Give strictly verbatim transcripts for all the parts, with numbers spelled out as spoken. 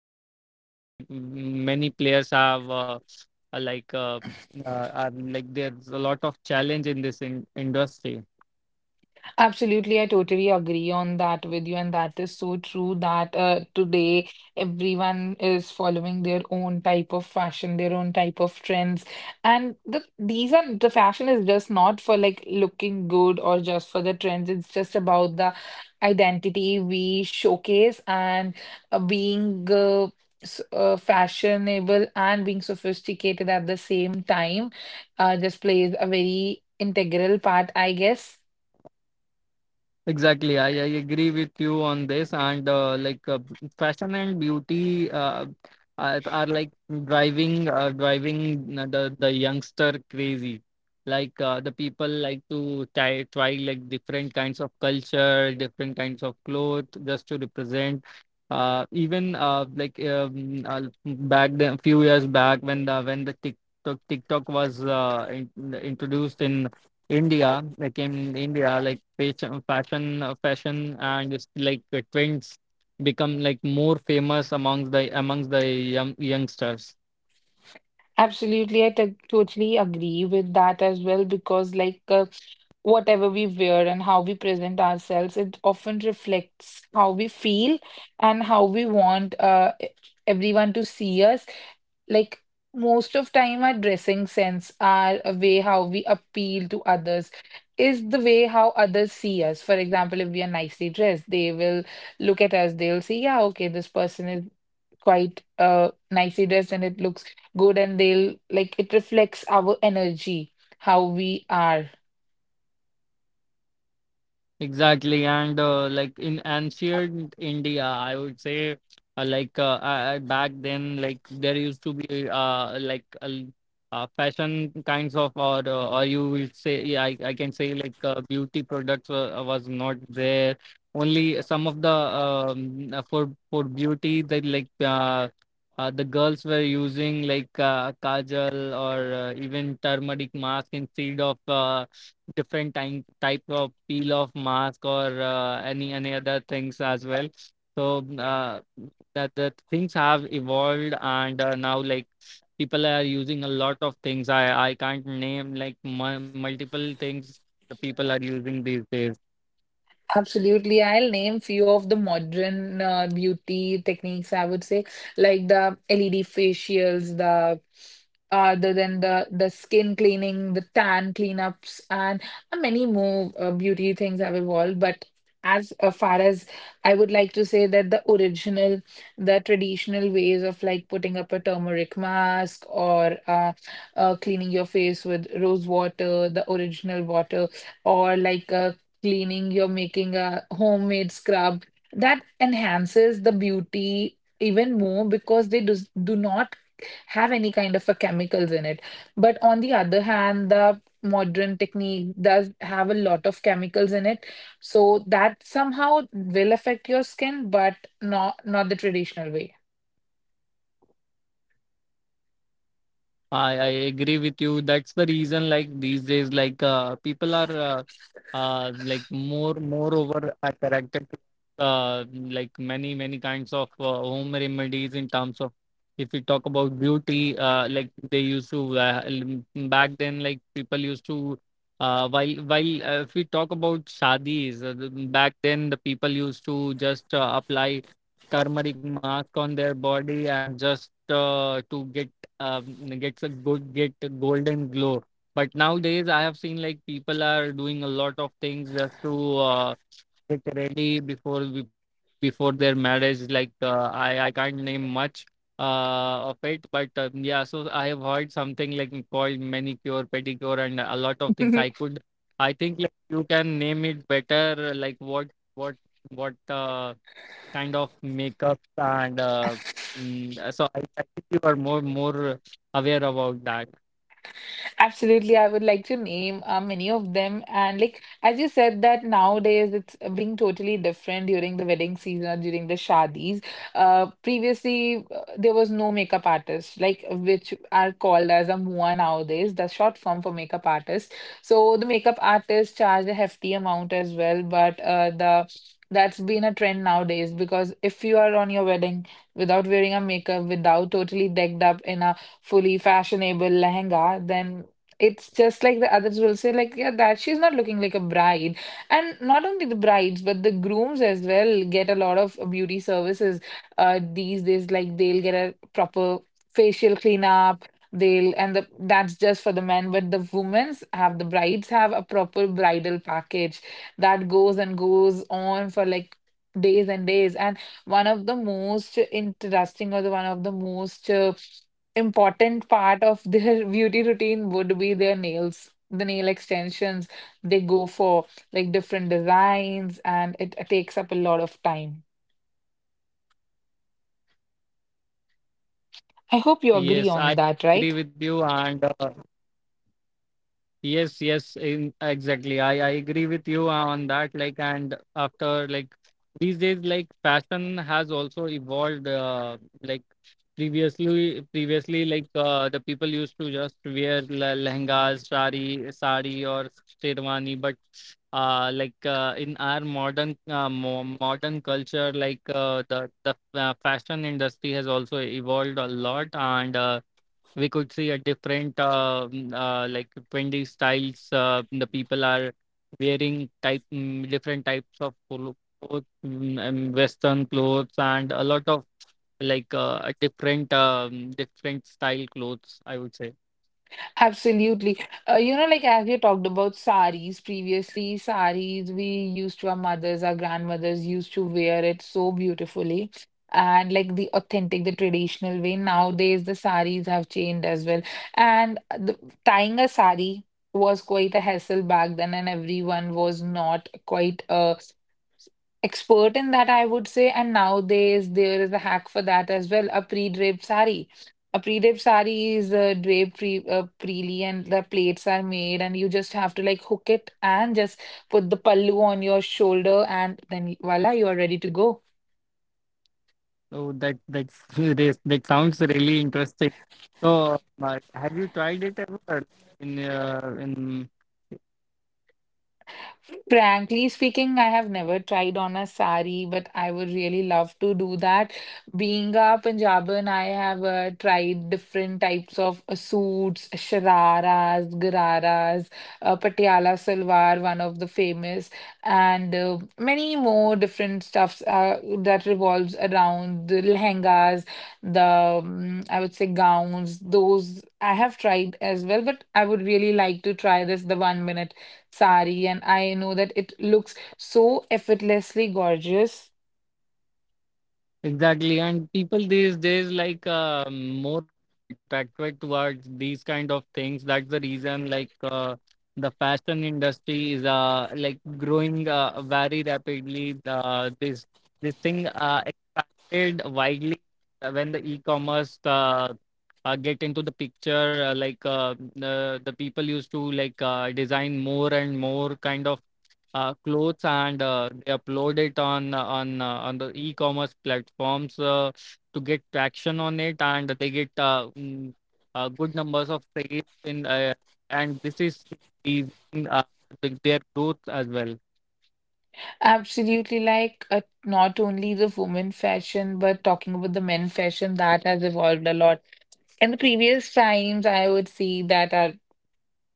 have, uh, I think like m- many players have uh, uh, like uh, uh, are, like there's a lot of challenge in this in industry. Absolutely, I totally agree on that with you, and that is so true that uh, today everyone is following their own type of fashion, their own type of trends, and the these are the fashion is just not for like looking good or just for the trends. It's just about the identity we showcase and uh, being uh, s- uh, fashionable and being sophisticated at the same time. Uh, just plays a very integral part, I guess. Exactly, I, I agree with you on this. And uh, like uh, fashion and beauty uh, are, are like driving uh, driving uh, the the youngster crazy. Like uh, the people like to try try like different kinds of culture, different kinds of clothes, just to represent. Uh, even uh, like um, uh, Back then, few years back when the when the TikTok TikTok was uh, in, introduced in India, like in India, like fashion, fashion, uh, fashion, and it's like uh, trends become like more famous amongst the amongst the young, youngsters. Absolutely, I t totally agree with that as well because, like, uh, whatever we wear and how we present ourselves, it often reflects how we feel and how we want uh, e- everyone to see us, like most of time our dressing sense, our uh, way how we appeal to others is the way how others see us. For example, if we are nicely dressed they will look at us, they will say, yeah, okay, this person is quite uh nicely dressed and it looks good, and they'll, like, it reflects our energy, how we are. Exactly, and uh, like in ancient India, I would say uh, like uh, uh, back then, like there used to be uh, like uh, uh, fashion kinds of or uh, or you will say yeah, I I can say like uh, beauty products uh, was not there. Only some of the um, uh, for for beauty that like uh, uh, the girls were using like uh, kajal or uh, even turmeric mask instead of. Uh, different time type of peel of mask or uh, any any other things as well. So uh, that the things have evolved and uh, now like people are using a lot of things. I I can't name like mu multiple things the people are using these days. Absolutely. I'll name few of the modern uh, beauty techniques, I would say, like the L E D facials, the other than the the skin cleaning, the tan cleanups, and uh, many more uh, beauty things have evolved. But as uh, far as I would like to say that the original, the traditional ways of like putting up a turmeric mask, or uh, uh, cleaning your face with rose water, the original water, or like uh, cleaning, you're making a homemade scrub. That enhances the beauty even more because they do, do not have any kind of a chemicals in it. But on the other hand, the modern technique does have a lot of chemicals in it. So that somehow will affect your skin, but not not the traditional way. I, I agree with you. That's the reason, like these days, like uh, people are uh, uh, like more moreover attracted to uh, like many many kinds of uh, home remedies in terms of if we talk about beauty, uh, like they used to uh, l- back then, like people used to uh, while while uh, if we talk about shadis, uh, the- back then the people used to just uh, apply turmeric mask on their body and just uh, to get um, gets a good get a golden glow. But nowadays, I have seen like people are doing a lot of things just to uh, get ready before we- before their marriage. Like uh, I I can't name much uh, of it, but uh, yeah. I have heard something like called manicure, pedicure, and a lot of things. I could I think like you can name it better. Like what what what uh, kind of makeup and uh, mm, uh, so I, I think you are more more aware about that. Absolutely, I would like to name uh, many of them. And like as you said, that nowadays it's being totally different during the wedding season or during the shadis. Uh, previously uh, there was no makeup artist, like which are called as a mua nowadays, the short form for makeup artist. So the makeup artist charge a hefty amount as well, but uh, the that's been a trend nowadays because if you are on your wedding without wearing a makeup, without totally decked up in a fully fashionable lehenga, then it's just like the others will say, like, yeah, that she's not looking like a bride. And not only the brides, but the grooms as well get a lot of beauty services uh, these days. Like, they'll get a proper facial cleanup. They'll, and the, that's just for the men, but the women's have, the brides have a proper bridal package that goes and goes on for like days and days. And one of the most interesting, or the one of the most uh, important part of their beauty routine would be their nails, the nail extensions. They go for like different designs and it takes up a lot of time. I hope you agree Yes, on I that, right? agree with you and uh, yes, yes, in, exactly. I, I agree with you on that. Like, and after like these days, like fashion has also evolved. Uh, like previously, previously, like uh, the people used to just wear le- lehengas, sari, sari or sherwani. But uh, like uh, in our modern uh, mo modern culture, like uh, the the uh, fashion industry has also evolved a lot, and uh, we could see a different uh, mm, uh, like trendy styles uh, the people are wearing type mm, different types of clo- clothes mm, and western clothes and a lot of like uh, a different um, different style clothes, I would say. Absolutely. Uh, you know, like as we talked about saris previously, saris, we used to, our mothers, our grandmothers used to wear it so beautifully. And like the authentic, the traditional way. Nowadays, the saris have changed as well. And the tying a sari was quite a hassle back then, and everyone was not quite uh, expert in that, I would say. And nowadays, there is a hack for that as well, a pre-draped sari. A pre dip sari is uh, draped pre uh, preely, and the plaits are made, and you just have to like hook it and just put the pallu on your shoulder, and then voila, you are ready to go. So that that's this that sounds really interesting. So uh, have you tried it ever? Like, in uh, in Frankly speaking, I have never tried on a sari, but I would really love to do that. Being a Punjaban, I have uh, tried different types of uh, suits, shararas, gararas, uh, patiala salwar, one of the famous, and uh, many more different stuffs uh, that revolves around the lehengas, the um, I would say gowns. Those I have tried as well, but I would really like to try this the one minute sari, and I know that it looks so effortlessly gorgeous. exactly, and people these days like uh, moreover attracted towards these kind of things. That's the reason like uh, the fashion industry is uh, like growing uh, very rapidly. Uh, this this thing uh, expanded widely when the e-commerce uh, uh, get into the picture. Uh, like uh, the the people used to like uh, design more and more kind of uh, clothes and uh, they upload it on uh, on uh, on the e-commerce platforms uh, to get traction on it and they get uh, mm, uh, good numbers of sales in uh, and this is increasing uh, the, their growth as well. Absolutely, like uh, not only the women fashion, but talking about the men fashion that has evolved a lot. In the previous times, I would see that our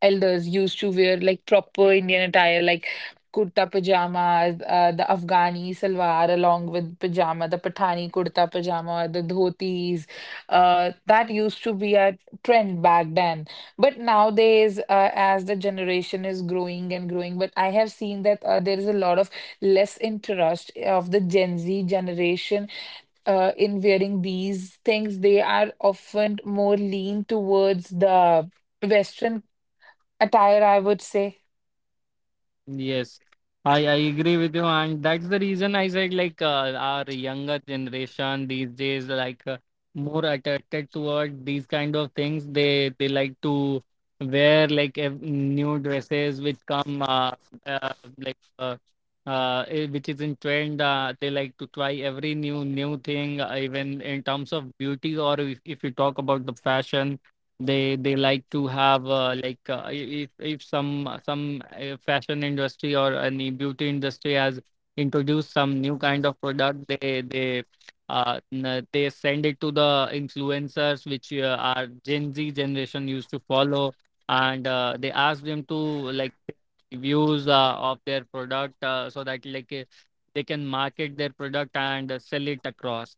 elders used to wear like proper Indian attire, like kurta pajama, uh, the Afghani salwar along with pajama, the Pathani kurta pajama, the dhotis. Uh, that used to be a trend back then. But nowadays, uh, as the generation is growing and growing, but I have seen that uh, there is a lot of less interest of the Gen Z generation uh, in wearing these things. They are often more lean towards the Western attire, I would say. Yes, I, I agree with you, and that's the reason I said like uh, our younger generation these days like uh, more attracted toward these kind of things. They they like to wear like ev- new dresses which come uh, uh, like uh, uh, eh, which is in trend. Uh, they like to try every new new thing, uh, even in terms of beauty or if, if you talk about the fashion. They they like to have uh, like uh, i- if if some some uh, fashion industry or any beauty industry has introduced some new kind of product, they they uh, n- they send it to the influencers which uh, are Gen Z generation used to follow and uh, they ask them to like reviews uh, of their product uh, so that like uh, they can market their product and uh, sell it across.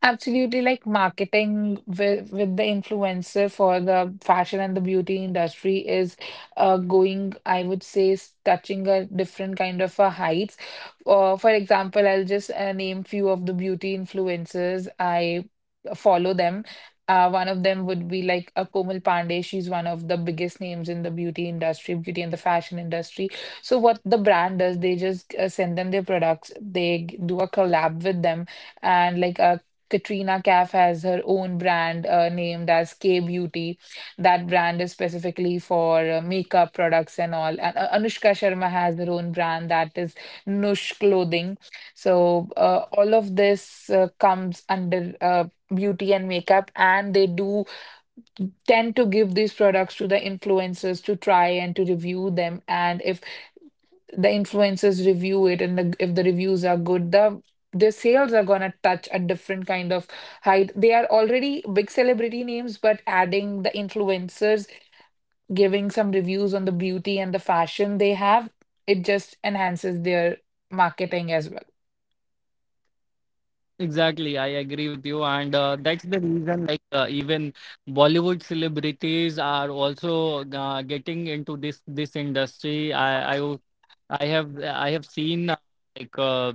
Absolutely, like marketing with with the influencer for the fashion and the beauty industry is uh, going, I would say, is touching a different kind of a heights. Uh, for example, I'll just uh, name few of the beauty influencers I follow them. Uh, one of them would be like a Komal Pandey. She's one of the biggest names in the beauty industry, beauty and the fashion industry. So what the brand does, they just uh, send them their products. They g- do a collab with them, and like uh, Katrina Kaif has her own brand uh, named as K Beauty. That brand is specifically for uh, makeup products and all. And uh, Anushka Sharma has her own brand, that is Nush Clothing. So uh, all of this uh, comes under uh, beauty and makeup, and they do tend to give these products to the influencers to try and to review them. And if the influencers review it, and the, if the reviews are good, the their sales are gonna touch a different kind of height. They are already big celebrity names, but adding the influencers, giving some reviews on the beauty and the fashion they have, it just enhances their marketing as well. Exactly, I agree with you, and uh, that's the reason. Like uh, even Bollywood celebrities are also uh, getting into this this industry. I I w- I have I have seen uh, like uh,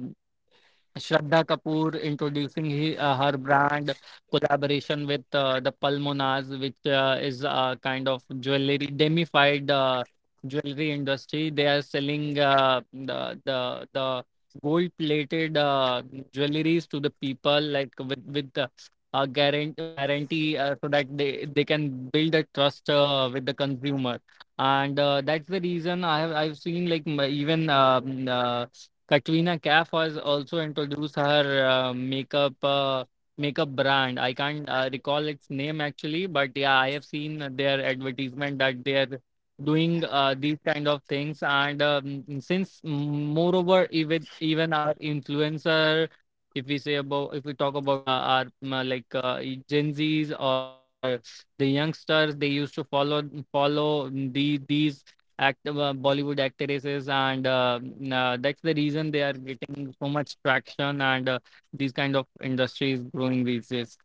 Shraddha Kapoor introducing he, uh, her brand collaboration with uh, the Palmonas, which uh, is a kind of jewelry demified uh, jewelry industry. They are selling uh, the the the gold plated uh, jewelries to the people, like with with uh, a guarantee warranty, uh, so that they they can build a trust uh, with the consumer. And uh, that's the reason I have I've seen like m- even. um, Uh, Katrina Kaif has also introduced her uh, makeup uh, makeup brand. I can't uh, recall its name actually, but yeah, I have seen their advertisement that they are doing uh, these kind of things. And um, since mm, moreover, even even our influencer, if we say about if we talk about our, our mm, uh, like uh, y- Gen Zs or uh, the youngsters, they used to follow follow the these act uh, Bollywood actresses, and uh, n- uh, that's the reason they are getting so much traction and uh, these kind of industries growing these days.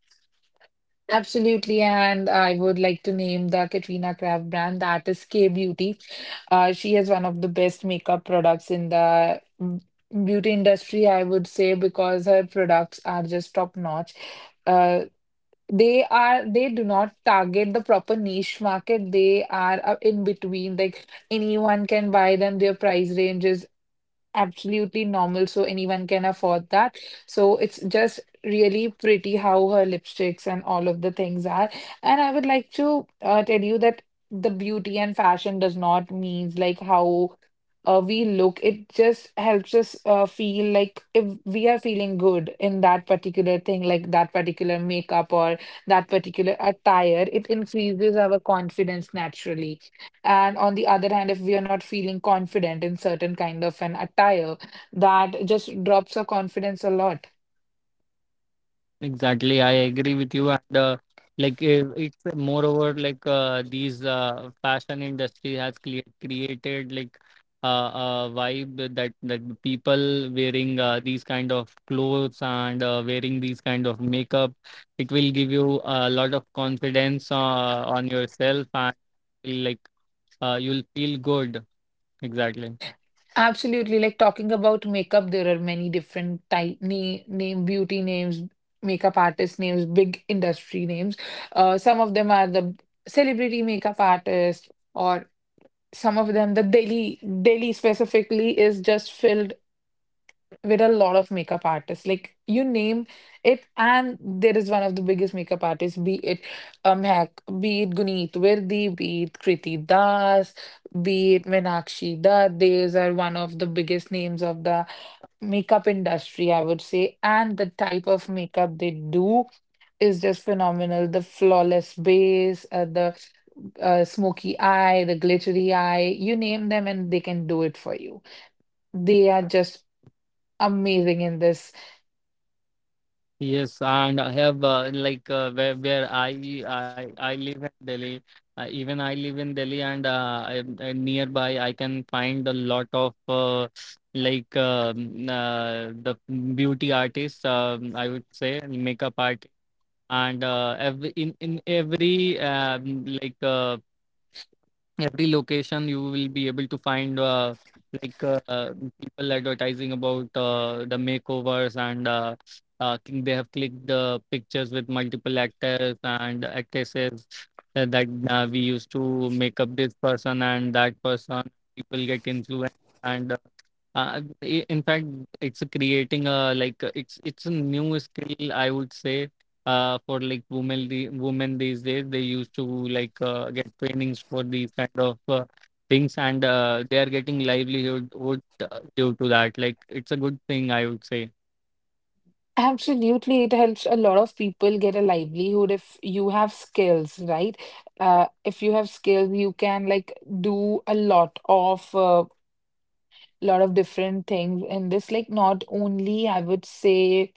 Absolutely, and I would like to name the Katrina Kaif brand, that is K Beauty. Uh, she has one of the best makeup products in the mm, beauty industry, I would say, because her products are just top notch. Uh, they are they do not target the proper niche market. They are uh, in between, like anyone can buy them. Their price ranges absolutely normal, so anyone can afford that. So it's just really pretty how her lipsticks and all of the things are. And I would like to uh, tell you that the beauty and fashion does not means like how uh, we look. It just helps us uh, feel like if we are feeling good in that particular thing, like that particular makeup or that particular attire, it increases our confidence naturally. And on the other hand, if we are not feeling confident in certain kind of an attire, that just drops our confidence a lot. Exactly, I agree with you. And uh, like uh, it's moreover like uh, these uh, fashion industry has cre- created like uh, a vibe that that people wearing uh, these kind of clothes and uh, wearing these kind of makeup, it will give you a lot of confidence uh, on yourself and will, like uh, you'll feel good, exactly. Absolutely. Like talking about makeup, there are many different type name, name beauty names, makeup artist names, big industry names. Uh, some of them are the celebrity makeup artist, or some of them, the Delhi Delhi specifically, is just filled with a lot of makeup artists, like you name it, and there is one of the biggest makeup artists, be it um heck, be it Guneet Wirdi, be it Kriti Das, be it Meenakshi Dutt. These are one of the biggest names of the makeup industry, I would say, and the type of makeup they do is just phenomenal, the flawless base, uh, the uh, smoky eye, the glittery eye, you name them and they can do it for you. They are just amazing in this. Yes, and I have uh, like uh, where, where I, I I live in Delhi. Uh, even I live in Delhi and uh, I, I- nearby I can find a lot of uh, like um, uh, the beauty artists, um, I would say makeup artists, and uh, every in, in every um, like uh, every location you will be able to find uh, like uh, uh, people advertising about uh, the makeovers and uh, uh, cl- they have clicked the pictures with multiple actors and actresses uh, that uh, we used to make up this person and that person, people get influenced and uh, uh, i- in fact it's creating a like uh, it's it's a new skill, I would say, uh, for like women. The women these days they used to like uh, get trainings for these kind of uh, things and uh, they are getting livelihood would, uh, due to that, like it's a good thing, I would say. Absolutely, it helps a lot of people get a livelihood if you have skills, right? Uh, if you have skills, you can like do a lot of uh, lot of different things in this. Like not only I would say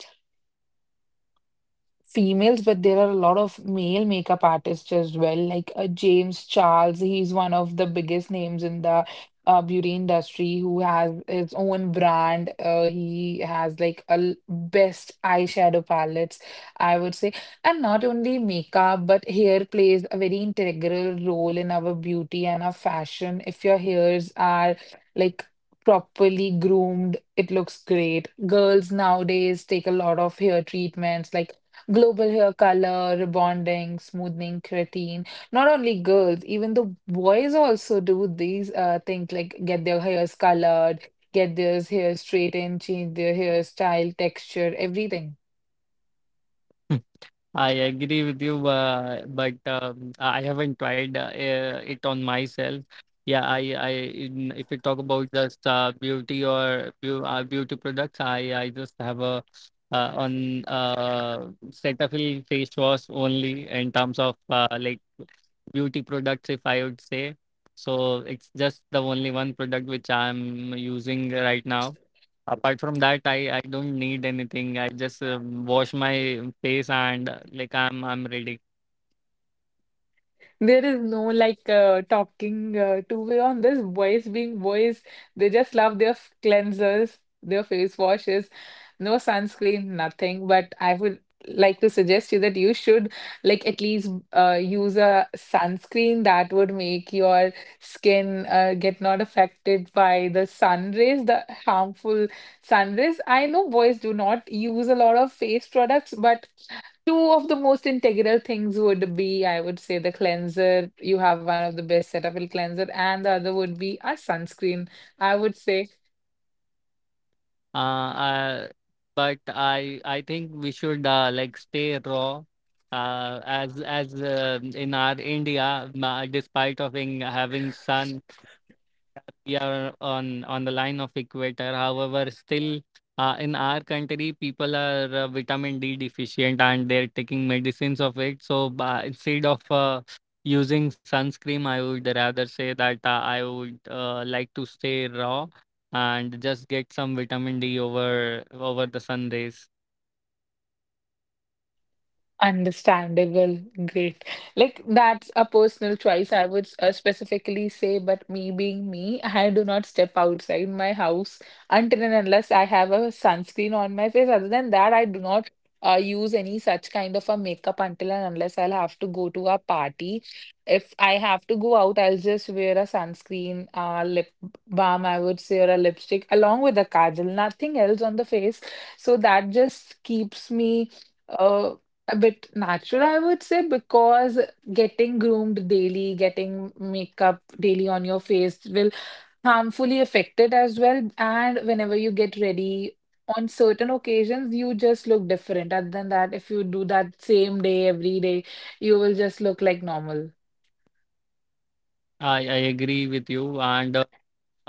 females, but there are a lot of male makeup artists as well, like uh, James Charles. He's one of the biggest names in the uh, beauty industry, who has his own brand. Uh, he has like a l- best eyeshadow palettes, I would say. And not only makeup, but hair plays a very integral role in our beauty and our fashion. If your hairs are like properly groomed, it looks great. Girls nowadays take a lot of hair treatments, like Global hair color, rebonding, smoothing, keratin. Not only girls, even the boys also do these uh, things, like get their hairs colored, get their hair straightened, change their hairstyle, texture, everything. I agree with you, uh, but um, I haven't tried uh, uh, it on myself. Yeah, i i in, if you talk about just uh, beauty or beau- uh, beauty products, i i just have a uh, on uh, Cetaphil face wash only in terms of uh, like beauty products, if I would say. So it's just the only one product which I'm using right now. Apart from that, I, I don't need anything. I just um, wash my face and uh, like I'm I'm ready. There is no like uh, talking, uh, two way on this. Boys being boys, they just love their f- cleansers, their face washes, no sunscreen, nothing. But I would like to suggest you that you should like at least uh, use a sunscreen that would make your skin uh, get not affected by the sun rays, the harmful sun rays. I know boys do not use a lot of face products, but two of the most integral things would be, I would say, the cleanser. You have one of the best setup with cleanser, and the other would be a sunscreen, I would say. Uh, uh, but I I think we should uh, like stay raw. Uh, as as uh, In our India, ma- despite of in having sun, we are on on the line of equator. However, still uh, in our country, people are uh, vitamin D deficient and they're taking medicines of it. So ba instead of uh, using sunscreen, I would rather say that uh, I would uh, like to stay raw and just get some vitamin D over over the sun rays. Understandable. Great. Like that's a personal choice, I would uh, specifically say, but me being me, I do not step outside my house until and unless I have a sunscreen on my face. Other than that, I do not uh, use any such kind of a makeup until and unless I'll have to go to a party. If I have to go out, I'll just wear a sunscreen, uh, lip balm, I would say, or a lipstick along with a kajal, nothing else on the face. So that just keeps me Uh, a bit natural, I would say, because getting groomed daily, getting makeup daily on your face will harmfully affect it as well. And whenever you get ready on certain occasions, you just look different. Other than that, if you do that same day every day, you will just look like normal. I I agree with you and. uh,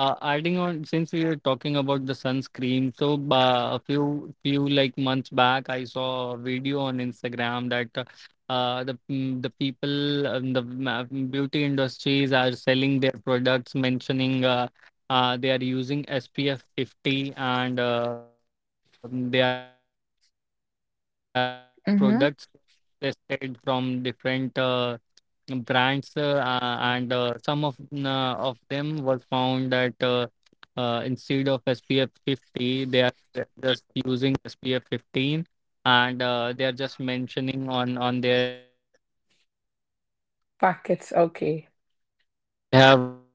Uh, Adding on, since we are talking about the sunscreen, so uh, a few few like months back, I saw a video on Instagram that uh, the mm, the people um, the ma- beauty industries are selling their products, mentioning uh, uh, they are using S P F fifty, and uh, they are they are when these multiple multiple Mm-hmm. products tested from different. Uh, brands uh, uh, and uh, some of uh, of them was found that uh, uh, instead of S P F fifty they are just using S P F fifteen and uh, they are just mentioning on on their Packets, okay.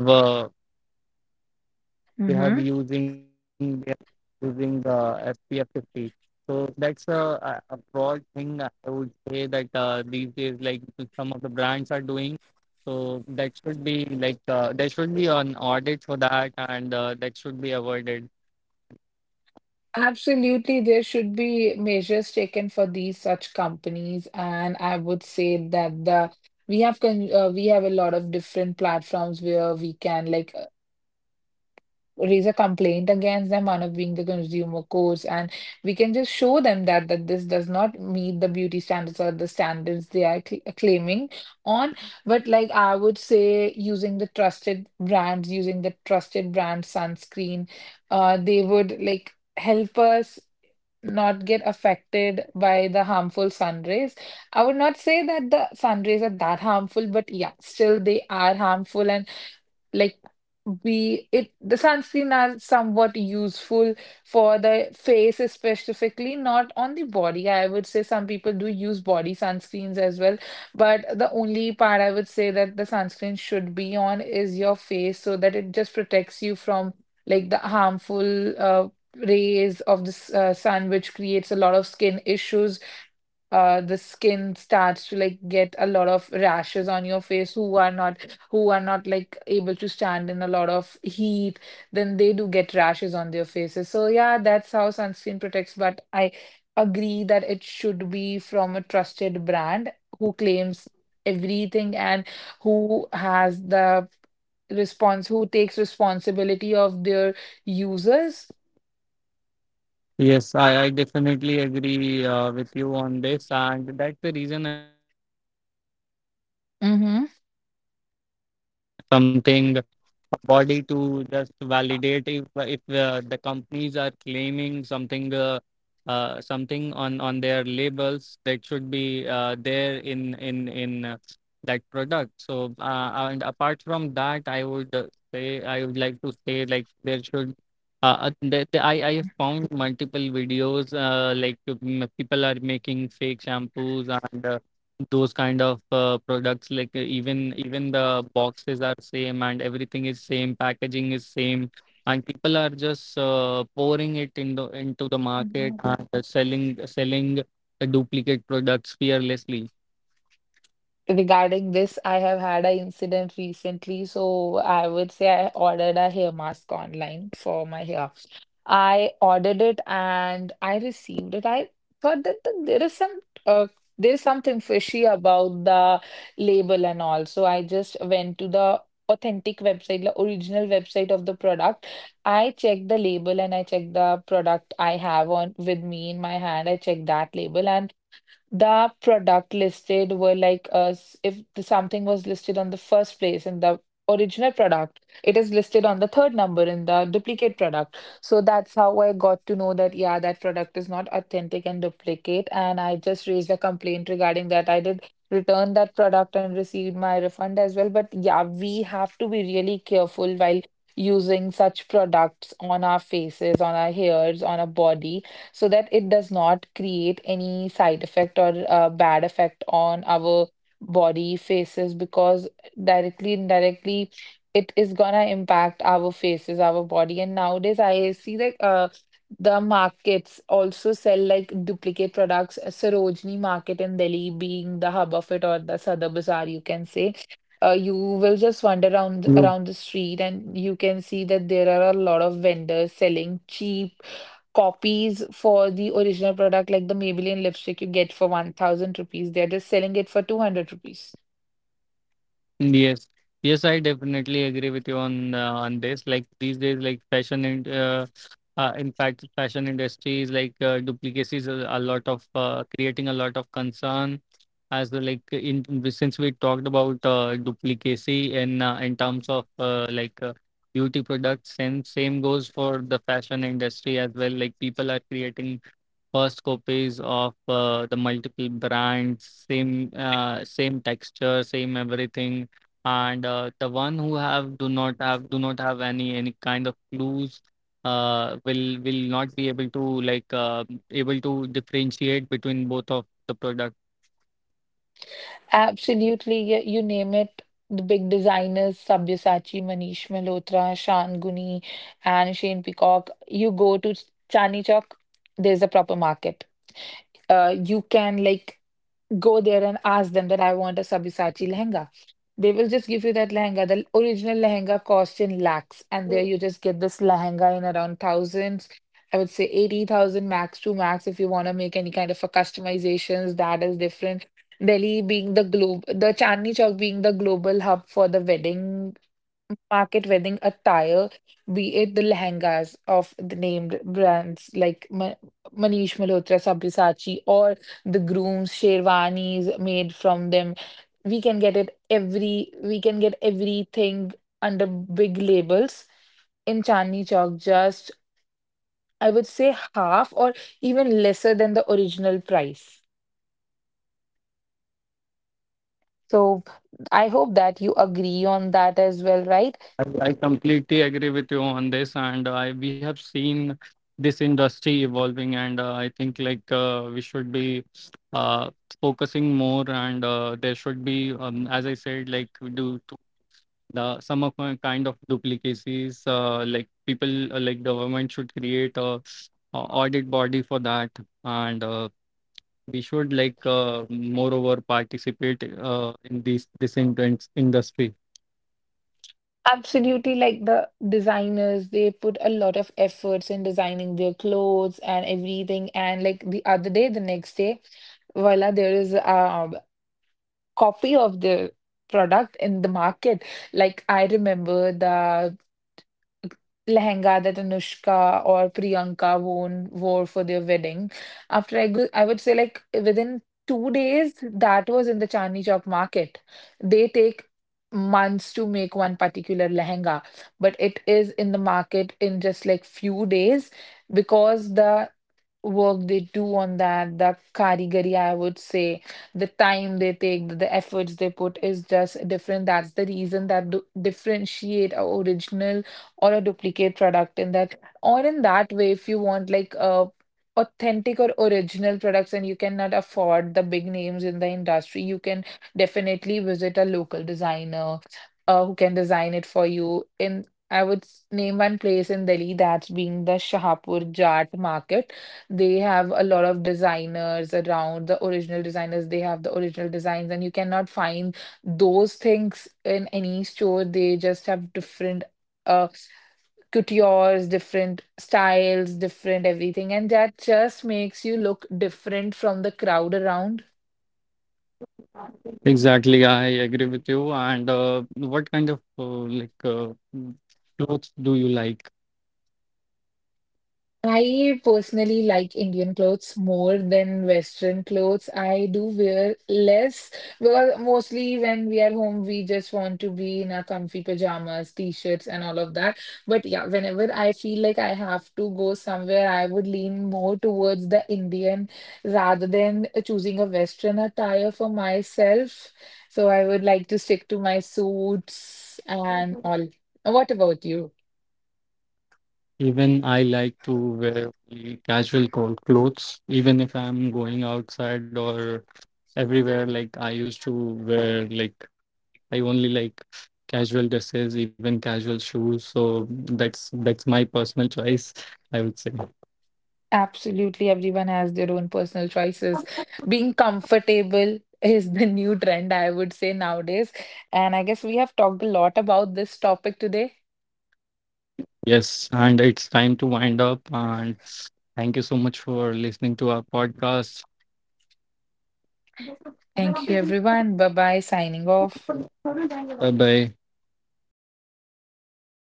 uh, they have Mm-hmm. using they are using the S P F fifty. So that's a, a a broad thing I would say that uh, these days like some of the brands are doing. So that should be like uh, there should be an audit for that, and uh, that should be avoided. Absolutely, there should be measures taken for these such companies, and I would say that the we have con uh, we have a lot of different platforms where we can like uh, raise a complaint against them, one of being the consumer courts, and we can just show them that that this does not meet the beauty standards or the standards they are cl claiming on. But like I would say, using the trusted brands, using the trusted brand sunscreen, uh, they would like help us not get affected by the harmful sun rays. I would not say that the sun rays are that harmful, but yeah, still they are harmful. And like we it the sunscreen are somewhat useful for the face specifically, not on the body. I would say some people do use body sunscreens as well, but the only part I would say that the sunscreen should be on is your face, so that it just protects you from like the harmful uh, rays of the s- uh, sun, which creates a lot of skin issues. Uh the skin starts to like get a lot of rashes on your face. Who are not, who are not like able to stand in a lot of heat, then they do get rashes on their faces. So yeah, that's how sunscreen protects, but I agree that it should be from a trusted brand who claims everything and who has the response who takes responsibility of their users. Yes, I, I definitely agree uh, with you on this, and that's the reason Mm-hmm. something. A body to just validate if if uh, the companies are claiming something uh, uh, something on on their labels that should be uh, there in in in uh, that product so uh, and apart from that I would uh, say I would like to say like there should uh, uh, the, the, I, I have found multiple videos uh, like um, people are making fake shampoos and. Uh, those kind of uh, products, like uh, even even the boxes are same and everything is same, packaging is same, and people are just uh, pouring it into into the market and uh, selling selling uh, duplicate products fearlessly. Regarding this, I have had an incident recently. So I would say I ordered a hair mask online for my hair. I ordered it and I received it. I thought that the, there is some uh, there's something fishy about the label and all. So I just went to the authentic website, the original website of the product. I checked the label and I checked the product I have on with me in my hand. I checked that label and the product listed were like us. If the, something was listed on the first place in the original product, it is listed on the third number in the duplicate product. So that's how I got to know that yeah, that product is not authentic and duplicate, and I just raised a complaint regarding that. I did return that product and received my refund as well. But yeah, we have to be really careful while using such products on our faces, on our hairs, on our body, so that it does not create any side effect or uh, bad effect on our body, faces, because directly, indirectly, it is gonna impact our faces, our body. And nowadays I see that uh, the markets also sell like duplicate products. uh, Sarojini Market in Delhi being the hub of it, or the Sadar Bazaar, you can say. Uh, you will just Yes, wander around around the street and you can see that there are a lot of vendors selling cheap copies for the original product, like the Maybelline lipstick you get for one thousand rupees. They're just selling it for two hundred rupees. yes, Yes, I definitely agree with you on uh, on this. Like these days, like fashion and uh, uh, in fact, fashion industry is like uh, duplicacies a, a lot of uh, creating a lot of concern as the like in since we talked about uh, duplicacy and uh, in terms of uh, like uh, beauty products and same goes for the fashion industry as well. Like people are creating first copies of uh, the multiple brands, same uh, same texture, same everything, and uh, the one who have do not have do not have any any kind of clues uh, will will not be able to like uh, able to differentiate between both of the products. Absolutely, yeah, you name it. The big designers: Sabyasachi, Manish Malhotra, Shan Guni, and Shane Peacock. You go to Chandni Chowk, there's a proper market. Uh, you can like go there and ask them that I want a Sabyasachi lehenga. They will just give you that lehenga. The original lehenga costs in lakhs, and there you just get this lehenga in around thousands. I would say eighty thousand max to max if you want to make any kind of a customizations that is different. Delhi being the globe, the Chandni Chowk being the global hub for the wedding market, wedding attire, be it the lehengas of the named brands like Ma- Manish Malhotra, Sabyasachi, or the grooms, sherwanis made from them, we can get it every we can get everything under big labels in Chandni Chowk just, I would say, half or even lesser than the original price. So I hope that you agree on that as well, right? I, I completely agree with you on this, and I we have seen this industry evolving, and uh, I think like uh, we should be uh, focusing more, and uh, there should be, um, as I said, like do to the some of my kind of duplicacies, uh, like people uh, like government should create a, a audit body for that, and uh, we should like uh, moreover participate uh, in this this intense industry. Absolutely, like the designers, they put a lot of efforts in designing their clothes and everything. And like the other day, the next day, voila, there is um copy of the product in the market. Like I remember the lehenga that Anushka or Priyanka worn wore for their wedding. After I go, I would say like within two days that was in the Chandni Chowk market. They take months to make one particular lehenga, but it is in the market in just like few days, because the work they do on that, the karigari, I would say, the time they take, the the efforts they put is just different. That's the reason that do differentiate a original or a duplicate product in that, or in that way, if you want like a authentic or original products and you cannot afford the big names in the industry, you can definitely visit a local designer uh, who can design it for you. In I would s- name one place in Delhi, that's being the Shahapur Jat Market. They have a lot of designers around, the original designers, they have the original designs, and you cannot find those things in any store. They just have different uh coutures, different styles, different everything, and that just makes you look different from the crowd around. Exactly, I agree with you. And uh, what kind of uh, like uh, mm, clothes do you like? I personally like Indian clothes more than Western clothes. I do wear less because mostly when we are home, we just want to be in our comfy pajamas, t-shirts, and all of that. But yeah, whenever I feel like I have to go somewhere, I would lean more towards the Indian rather than choosing a Western attire for myself. So I would like to stick to my suits and all. What about you? Even I like to wear only casual cold clothes, even if I'm going outside or everywhere. Like I used to wear like I only like casual dresses, even casual shoes. So that's that's my personal choice, I would say. Absolutely, everyone has their own personal choices. Being comfortable is the new trend, I would say, nowadays. And I guess we have talked a lot about this topic today. Yes, and it's time to wind up. And thank you so much for listening to our podcast. Thank you, everyone. Bye bye, signing off. Bye bye.